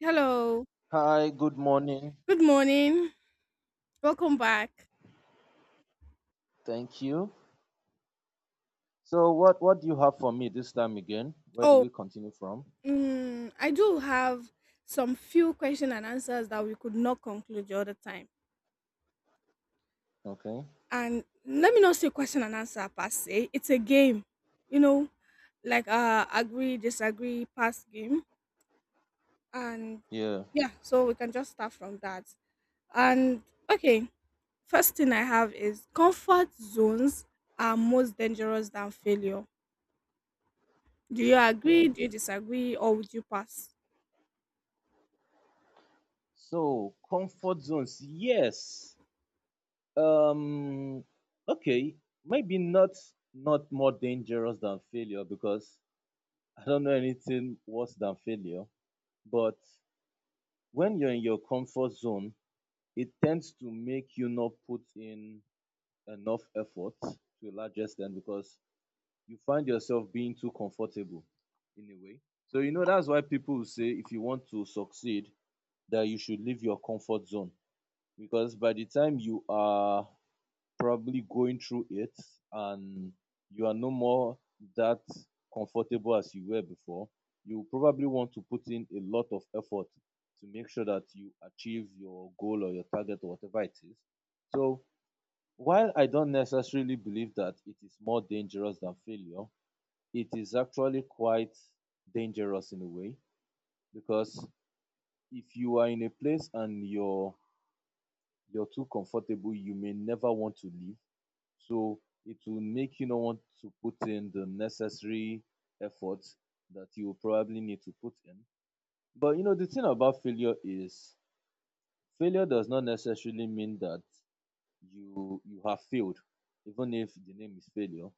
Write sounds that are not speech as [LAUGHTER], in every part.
Hello. Hi, good morning. Good morning. Welcome back. Thank you. So what do you have for me this time again? Where do Oh, we continue from? I do have some few question and answers that we could not conclude the other time. Okay. And let me not say question and answer per se. It's a game, you know, like agree, disagree, pass game. And Yeah. yeah, so we can just start from that. And okay, first thing I have is comfort zones are most dangerous than failure. Do you agree? Hmm. Do you disagree? Or would you pass? So comfort zones. Yes. Um okay, maybe not more dangerous than failure because I don't know anything worse than failure, but when you're in your comfort zone, it tends to make you not put in enough effort to a large extent because you find yourself being too comfortable in a way. So you know that's why people say if you want to succeed that you should leave your comfort zone because by the time you are probably going through it and you are no more that comfortable as you were before, you probably want to put in a lot of effort to make sure that you achieve your goal or your target or whatever it is. So while I don't necessarily believe that it is more dangerous than failure, it is actually quite dangerous in a way because if you are in a place and you're too comfortable, you may never want to leave. So it will make you not want to put in the necessary effort that you will probably need to put in. But you know the thing about failure is failure does not necessarily mean that you have failed, even if the name is failure.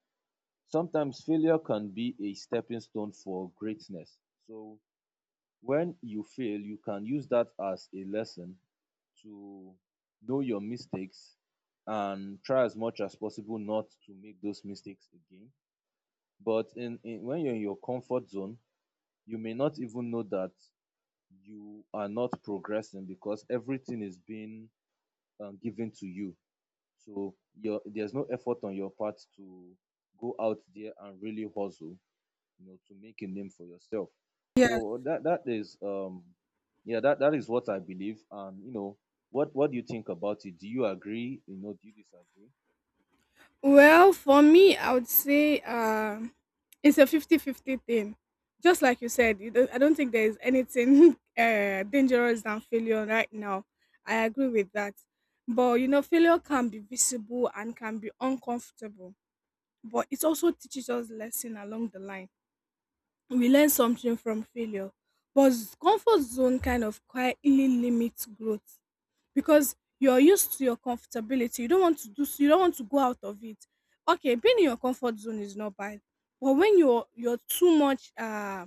Sometimes failure can be a stepping stone for greatness. So when you fail you can use that as a lesson to know your mistakes and try as much as possible not to make those mistakes again but in when you're in your comfort zone you may not even know that you are not progressing because everything is being given to you so there's no effort on your part to go out there and really hustle, you know, to make a name for yourself. Yeah. So that is yeah, that is what I believe. And you know, what do you think about it? Do you agree? You know, do you disagree? Well, for me, I would say it's a 50-50 thing. Just like you said, you don't, I don't think there is anything [LAUGHS] dangerous than failure right now. I agree with that. But, you know, failure can be visible and can be uncomfortable. But it also teaches us lesson along the line. We learn something from failure. But comfort zone kind of quietly limits growth because you're used to your comfortability. You don't want to go out of it. Okay, being in your comfort zone is not bad. But when you're too much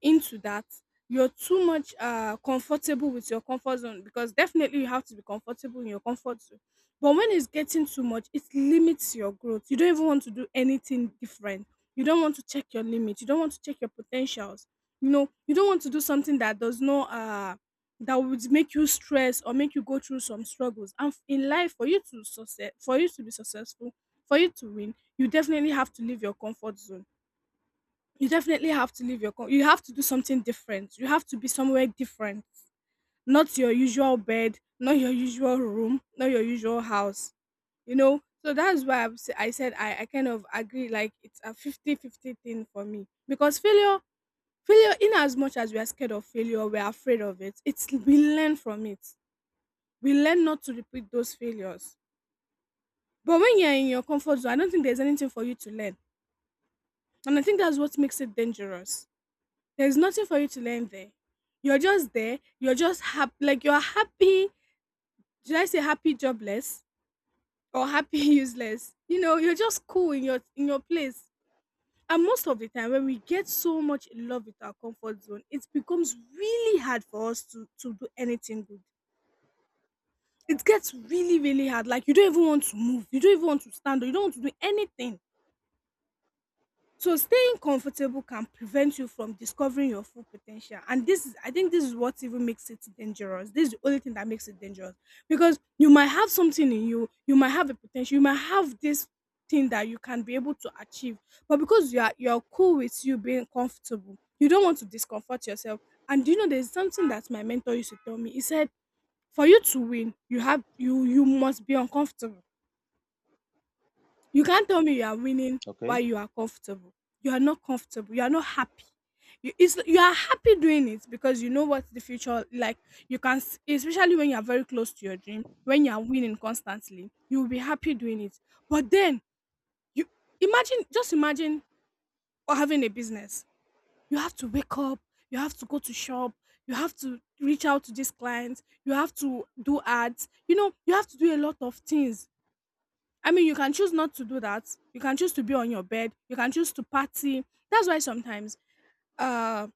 into that, you're too much comfortable with your comfort zone, because definitely you have to be comfortable in your comfort zone. But when it's getting too much, it limits your growth. You don't even want to do anything different. You don't want to check your limit. You don't want to check your potentials. You know, you don't want to do something that does not that would make you stress or make you go through some struggles. And in life, for you to be successful, for you to win, you definitely have to leave your comfort zone. You definitely have to you have to do something different, you have to be somewhere different, not your usual bed, not your usual room, not your usual house. You know, so that's why I'm sa- I said I kind of agree. Like it's a 50 50 thing for me, because failure, in as much as we are scared of failure, we're afraid of it, it's, we learn from it. We learn not to repeat those failures. But when you're in your comfort zone, I don't think there's anything for you to learn, and I think that's what makes it dangerous. There's nothing for you to learn there. You're just there. You're just happy. Like you're happy. Should I say happy jobless or happy [LAUGHS] useless? You know, you're just cool in your place. And most of the time, when we get so much in love with our comfort zone, it becomes really hard for us to do anything good. It gets really, really hard. Like you don't even want to move. You don't even want to stand. Or you don't want to do anything. So staying comfortable can prevent you from discovering your full potential. And this is, I think this is what even makes it dangerous. This is the only thing that makes it dangerous. Because you might have something in you, you might have a potential, you might have this thing that you can be able to achieve. But because you're cool with you being comfortable, you don't want to discomfort yourself. And do you know there's something that my mentor used to tell me. He said, for you to win, you must be uncomfortable. You can't tell me you are winning while Okay. you are comfortable. You are not comfortable. You are not happy. It's, you are happy doing it because you know what the future like. Especially when you are very close to your dream, when you are winning constantly, you will be happy doing it. But then you imagine, just imagine, or having a business. You have to wake up. You have to go to shop. You have to reach out to these clients. You have to do ads. You know, you have to do a lot of things. I mean, you can choose not to do that. You can choose to be on your bed. You can choose to party. That's why sometimes, uh,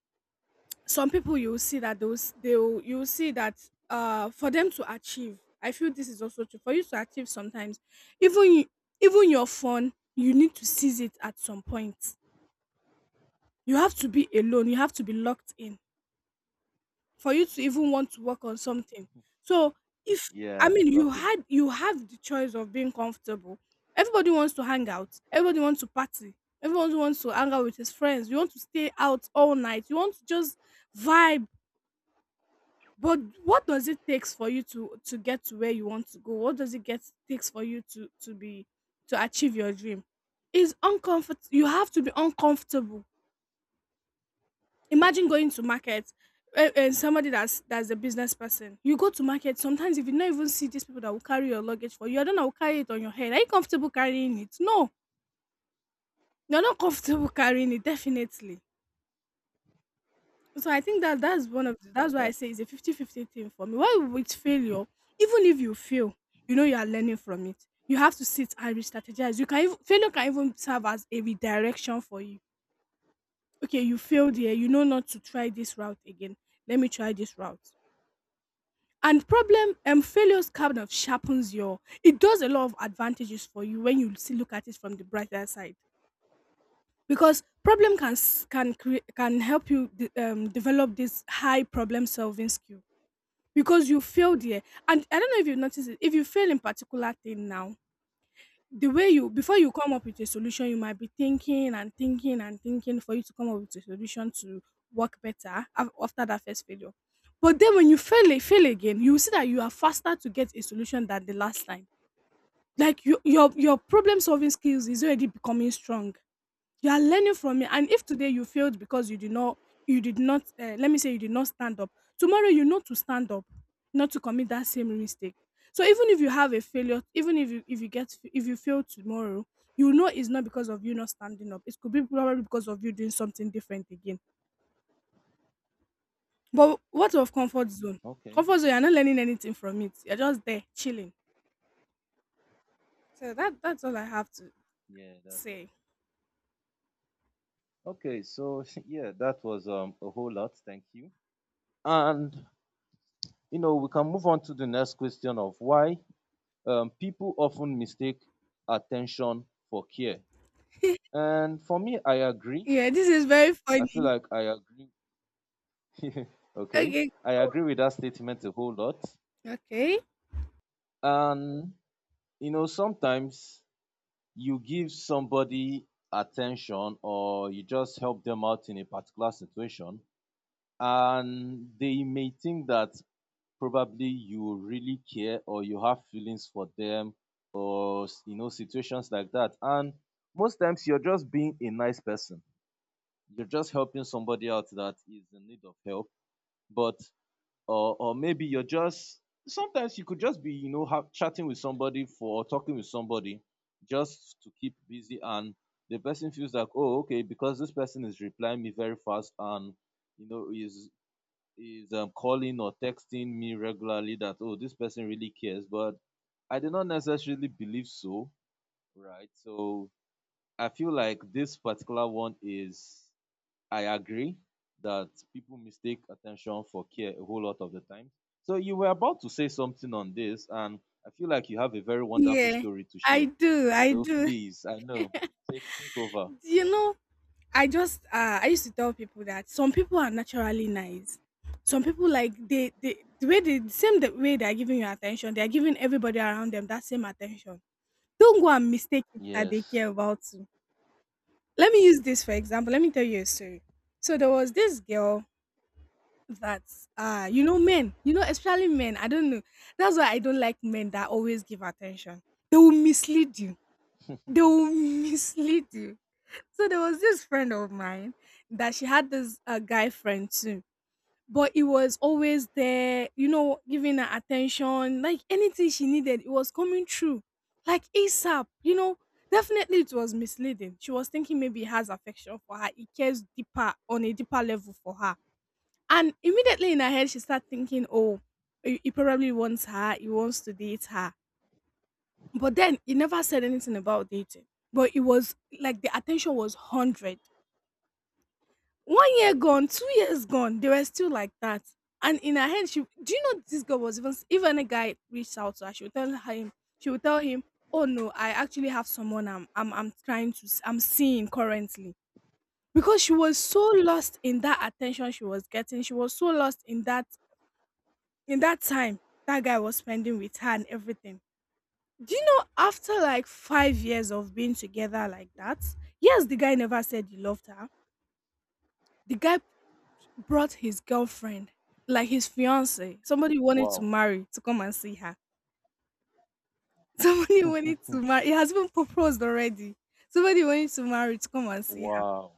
some people you will see that you will see that for them to achieve, I feel this is also true. For you to achieve, sometimes even you, even your phone, you need to seize it at some point. You have to be alone. You have to be locked in for you to even want to work on something. So if I Yeah, mean locking. You have the choice of being comfortable. Everybody wants to hang out. Everybody wants to party. Everyone wants to hang out with his friends. You want to stay out all night. You want to just vibe. But what does it takes for you to get to where you want to go? What does it get takes for you to be to achieve your dream? Is uncomfort. You have to be uncomfortable. Imagine going to market, eh, and somebody that's a business person. You go to market sometimes, if you not even see these people that will carry your luggage for you, I don't know, will carry it on your head. Are you comfortable carrying it? No, you're not comfortable [LAUGHS] carrying it definitely. So I think that that's one of the, that's Yeah, why I that's say it's true. a 50-50 thing for me. Why with failure, even if you fail, you know you are learning from it. You have to sit and re-strategize. Failure can even serve as a redirection for you. Okay, you failed here. You know not to try this route again. Let me try this route. And problem failures kind of sharpens your, it does a lot of advantages for you when you see, look at it from the brighter side, because problem can create, can help you develop this high problem solving skill. Because you fail there, and I don't know if you notice it, if you fail in particular thing now, the way you, before you come up with a solution, you might be thinking and thinking and thinking for you to come up with a solution to work better after that first failure. But then when you fail again, you will see that you are faster to get a solution than the last time. Like your problem solving skills is already becoming strong. You are learning from it. And if today you failed because you did not let me say you did not stand up, tomorrow you know to stand up, not to commit that same mistake. So even if you have a failure, even if you fail tomorrow, you know it's not because of you not standing up. It could be probably because of you doing something different again. But what of comfort zone? Okay. Comfort zone, you're not learning anything from it. You're just there chilling. So that that's all I have to Yeah, that's true. say. Okay, so [LAUGHS] yeah, that was a whole lot. Thank you. And you know, we can move on to the next question of why people often mistake attention for care. [LAUGHS] And for me, I agree. Yeah, this is very I feel funny. like I agree [LAUGHS] okay. Okay. I agree with that statement a whole lot. Okay. And, you know, sometimes you give somebody attention or you just help them out in a particular situation, and they may think that probably you really care or you have feelings for them or, you know, situations like that. And most times you're just being a nice person, you're just helping somebody out that is in need of help. But or maybe you're just sometimes you could just be, you know, chatting with somebody for or talking with somebody just to keep busy and the person feels like, oh, okay, because this person is replying me very fast and you know is calling or texting me regularly, that oh this person really cares, but I do not necessarily believe so, right? So I feel like this particular one is, I agree that people mistake attention for care a whole lot of the time. So you were about to say something on this, and I feel like you have a very wonderful Yeah, story to I share. do, I So do. please, I know, take over. You know, I just I used to tell people that some people are naturally nice. Some people, like, they the way they are giving you attention, they are giving everybody around them that same attention. Don't go and mistake it that they Yes. care about you. Let me use this for example. Let me tell you a story. So there was this girl that, you know, men, you know, especially men, I don't know. That's why I don't like men that always give attention. They will mislead you. They will [LAUGHS] mislead you. So there was this friend of mine, that she had this guy friend too, but he was always there, you know, giving her attention, like anything she needed, it was coming through, like ASAP, you know. Definitely, it was misleading. She was thinking maybe he has affection for her, he cares deeper on a deeper level for her. And immediately in her head, she started thinking, oh, he probably wants her, he wants to date her. But then he never said anything about dating. But it was like the attention was 100. 1 year gone, 2 years gone, they were still like that. And in her head, she, do you know this girl was, even a guy reached out to her, she would tell him, she would tell him, oh no, I actually have someone I'm I'm seeing currently. Because she was so lost in that attention she was getting. She was so lost in that, in that time that guy was spending with her and everything. Do you know after like 5 years of being together like that? Yes, the guy never said he loved her. The guy brought his girlfriend, like his fiance, somebody he wanted to Wow. marry to come and see her. [LAUGHS] Somebody he wanted to marry. He has been proposed already. Somebody he wanted to marry to come and see her. Wow.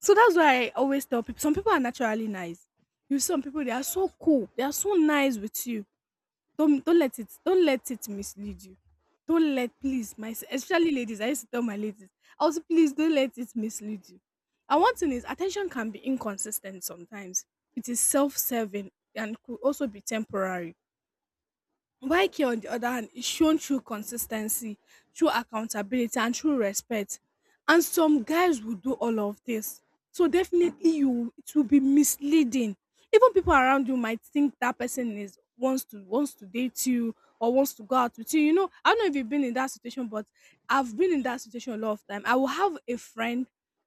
So that's why I always tell people some people are naturally nice. You see some people they are so cool. They are so nice with you, don't let it mislead you. Don't let please my Especially ladies. I used to tell my ladies, also please don't let it mislead you. And one thing is attention can be inconsistent sometimes. It is self-serving and could also be temporary. Wike, on the other hand, is shown through consistency, through accountability, and through respect. And some guys will do all of this. So definitely, you it will be misleading. Even people around you might think that person is wants to wants to date you or wants to go out with you. You know, I don't know if you've been in that situation, but I've been in that situation a lot of time. I will have a friend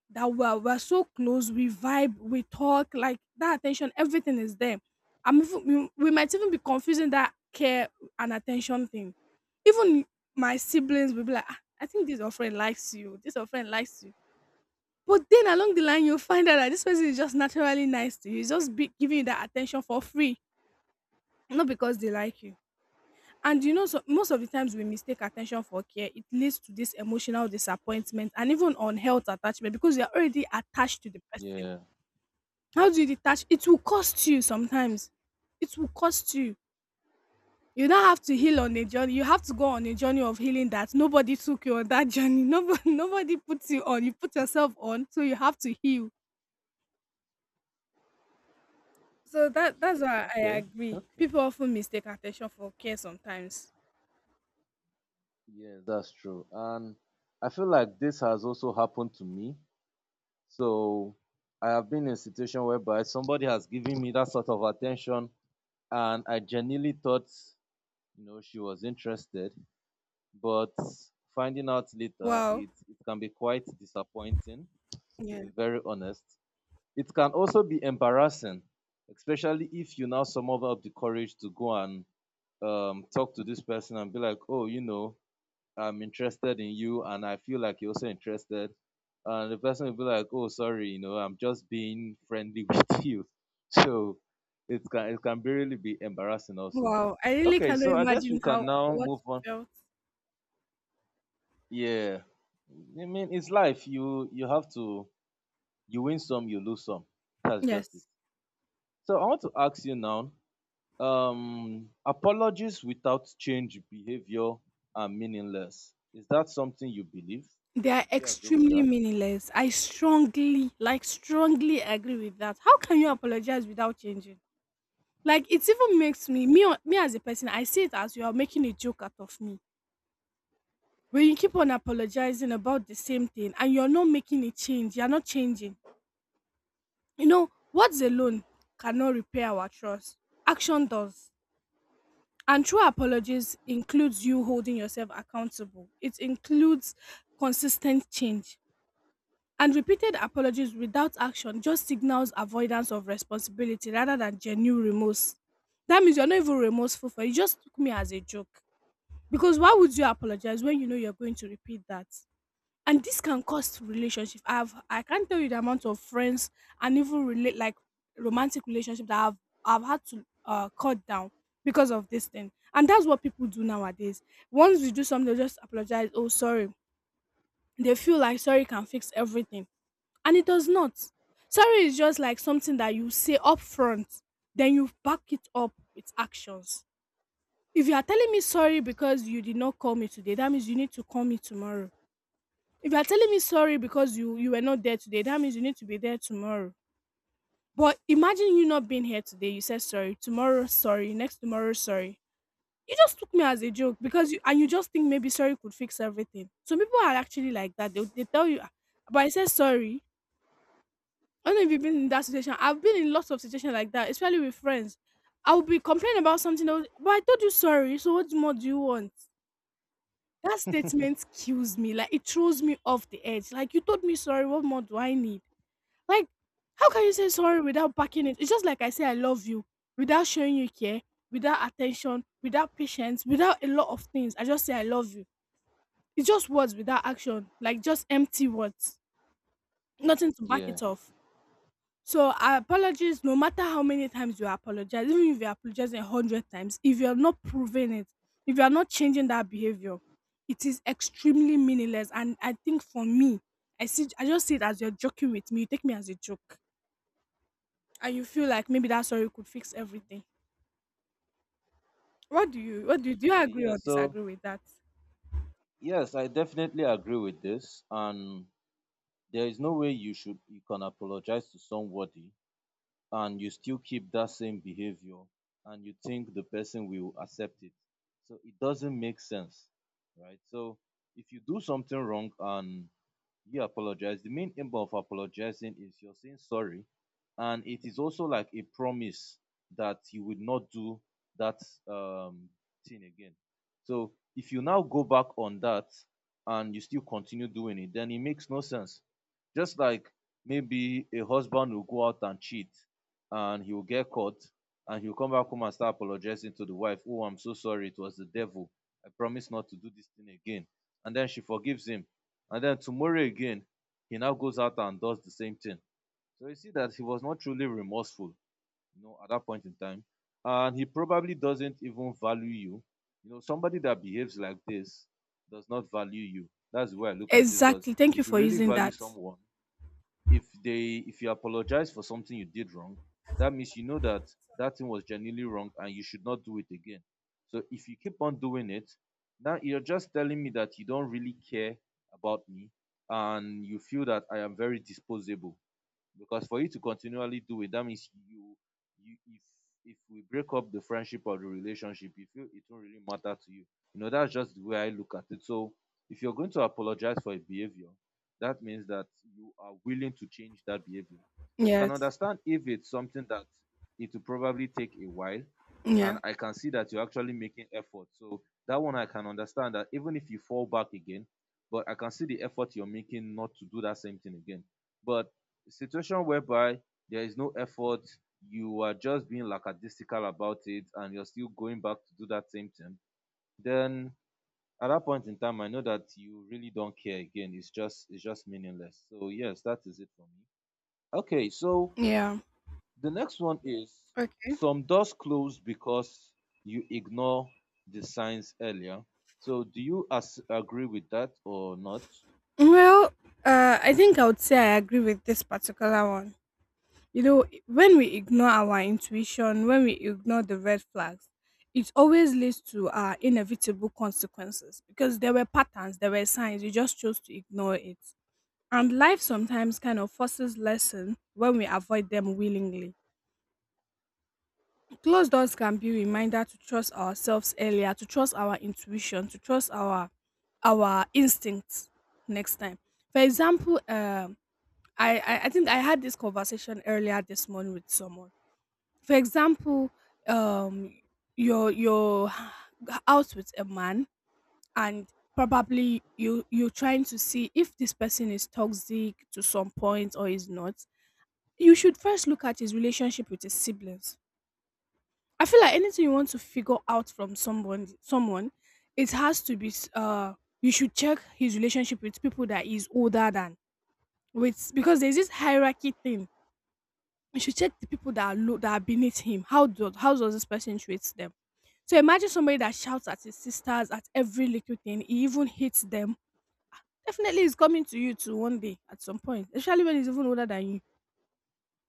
that we're so close, we vibe, we talk, like that attention, everything is there. I'm even, we might even be confusing that care an attention thing. Even my siblings will be like, "Ah, I think this your friend likes you. This your friend likes you." But then along the line, you'll find out that this person is just naturally nice to you. He's just be giving you that attention for free, not because they like you. And you know, so most of the times we mistake attention for care. It leads to this emotional disappointment and even unhealth attachment because you're already attached to the person. Yeah. How do you detach? It will cost you sometimes. It will cost you. You don't have to heal on a journey. You have to go on a journey of healing that nobody took you on that journey. [LAUGHS] Nobody, nobody puts you on. You put yourself on, so you have to heal. So that's why I Okay. agree. Okay. People often mistake attention for care sometimes. Yeah, that's true. And I feel like this has also happened to me. So I have been in a situation whereby somebody has given me that sort of attention, and I genuinely thought you know she was interested but finding out later Wow. it can be quite disappointing, to Yeah. be very honest. It can also be embarrassing, especially if you now summon up the courage to go and talk to this person and be like, oh, you know, I'm interested in you and I feel like you're also interested. And the person will be like, oh, sorry, you know, I'm just being friendly [LAUGHS] with you. So it can, it can really be embarrassing also. Wow. I really Okay, cannot so I guess we imagine can how now what move you on. felt. Yeah. I mean it's life. You have to, you win some, you lose some. That's just it. Yes. So I want to ask you now, apologies without change behavior are meaningless. Is that something you believe? They are Do you agree with extremely that? meaningless. I strongly, like strongly agree with that. How can you apologize without changing? Like it even makes me as a person, I see it as you are making a joke out of me. When you keep on apologizing about the same thing and you're not making a change, you're not changing. You know, words alone cannot repair our trust. Action does. And true apologies includes you holding yourself accountable. It includes consistent change. And repeated apologies without action just signals avoidance of responsibility rather than genuine remorse. That means you're not even remorseful for it. You just took me as a joke. Because why would you apologize when you know you're going to repeat that? And this can cost relationship. I can't tell you the amount of friends and even relate, like romantic relationship that I've had to cut down because of this thing. And that's what people do nowadays. Once you do something, they just apologize, oh, sorry. They feel like sorry can fix everything, and it does not. Sorry is just like something that you say up front, then you back it up with actions. If you are telling me sorry because you did not call me today, that means you need to call me tomorrow. If you are telling me sorry because you were not there today, that means you need to be there tomorrow. But imagine you not being here today. You said sorry tomorrow, sorry next tomorrow, sorry. You just took me as a joke because you just think maybe sorry could fix everything. Some people are actually like that. They tell you, "Ah, but I said sorry." I don't know if you've been in that situation. I've been in lots of situations like that, especially with friends. I will be complaining about something else, but I told you sorry. So what more do you want? That statement kills me. Like it throws me off the edge. Like you told me sorry. What more do I need? Like, how can you say sorry without backing it? It's just like I say, I love you, without showing you care, without attention, without patience, without a lot of things. I just say, I love you. It's just words without action, like just empty words, nothing to back Yeah. it off. So, apologies, no matter how many times you apologize, even if you apologize 100 times, if you're not proving it, if you're not changing that behavior, it is extremely meaningless. And I think for me, I see, I just see it as you're joking with me. You take me as a joke. And you feel like maybe that sorry could fix everything. Do you Okay, agree yeah. or disagree So, with that? yes, I definitely agree with this. And there is no way you can apologize to somebody and you still keep that same behavior and you think the person will accept it. So it doesn't make sense, right? So if you do something wrong and you apologize, the main aim of apologizing is you're saying sorry, and it is also like a promise that you would not do that um, thing again. So if you now go back on that and you still continue doing it, then it makes no sense. Just like maybe a husband will go out and cheat and he will get caught and he'll come back home and start apologizing to the wife, oh, I'm so sorry, it was the devil. I promise not to do this thing again. And then she forgives him and then tomorrow again, he now goes out and does the same thing. So you see that he was not truly remorseful, you know, at that point in time. And he probably doesn't even value you. You know, somebody that behaves like this does not value you. That's the way I look at it. Because Exactly. Thank you if you for really using value that. someone, if you apologize for something you did wrong, that means you know that that thing was genuinely wrong and you should not do it again. So if you keep on doing it, now you're just telling me that you don't really care about me and you feel that I am very disposable, because for you to continually do it, that means you you if we break up the friendship or the relationship, you feel it do not really matter to you. You know, that's just the way I look at it. So if you're going to apologize for a behavior, that means that you are willing to change that behavior. I can Yes. understand if it's something that it will probably take a while Yeah. and I can see that you're actually making effort, so that one I can understand that even if you fall back again, but I can see the effort you're making not to do that same thing again. But a situation whereby there is no effort, you are just being lackadaisical about it and you're still going back to do that same thing, then at that point in time I know that you really don't care again. It's just, it's just meaningless. So yes, that is it for me. Okay, so Yeah. the next one is, Okay. some doors close because you ignore the signs earlier. So do you as agree with that or not? Well, I think I would say I agree with this particular one. You know, when we ignore our intuition, when we ignore the red flags, it always leads to inevitable consequences because there were patterns, there were signs, you just chose to ignore it. And life sometimes kind of forces lesson when we avoid them willingly. Closed doors can be Okay. reminder to trust ourselves earlier, to trust our intuition, to trust our instincts next time. For example, I think I had this conversation earlier this morning with someone. For example, um, you're out with a man and probably you're trying to see if this person is toxic to some point or is not. You should first look at his relationship with his siblings. I feel like anything you want to figure out from someone, it has to be. You should check his relationship with people that he's older than with, because there's this hierarchy thing. You should check the people that are low, that are beneath him. How does this person treat them? So imagine somebody that shouts at his sisters at every little thing. He even hits them. Definitely, he's coming to you too one day at some point, especially when he's even older than you.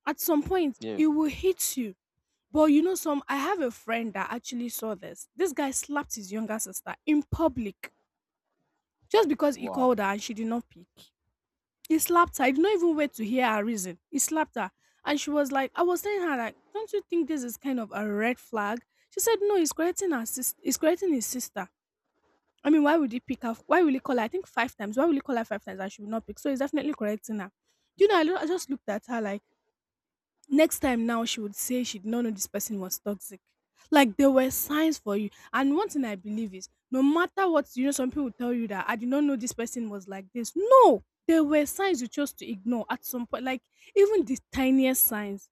At some point, Yeah. he will hit you. But you know, some I have a friend that actually saw this. This guy slapped his younger sister in public just because he Wow. called her and she did not pick. He slapped her. He did not even wait to hear her reason. He slapped her. And she was like, I was telling her, like, don't you think this is kind of a red flag? She said, No, he's correcting her he's correcting his sister. I mean, why would he pick her? Why will he call her? I think 5 times. Why will he call her 5 times and she will not pick? So he's definitely correcting her. You know, I just looked at her like, next time now she would say she did not know this person was toxic. Like, there were signs for you. And one thing I believe is no matter what, you know, some people tell you that I did not know this person was like this. No, there were signs you chose to ignore at some point, like even the tiniest signs.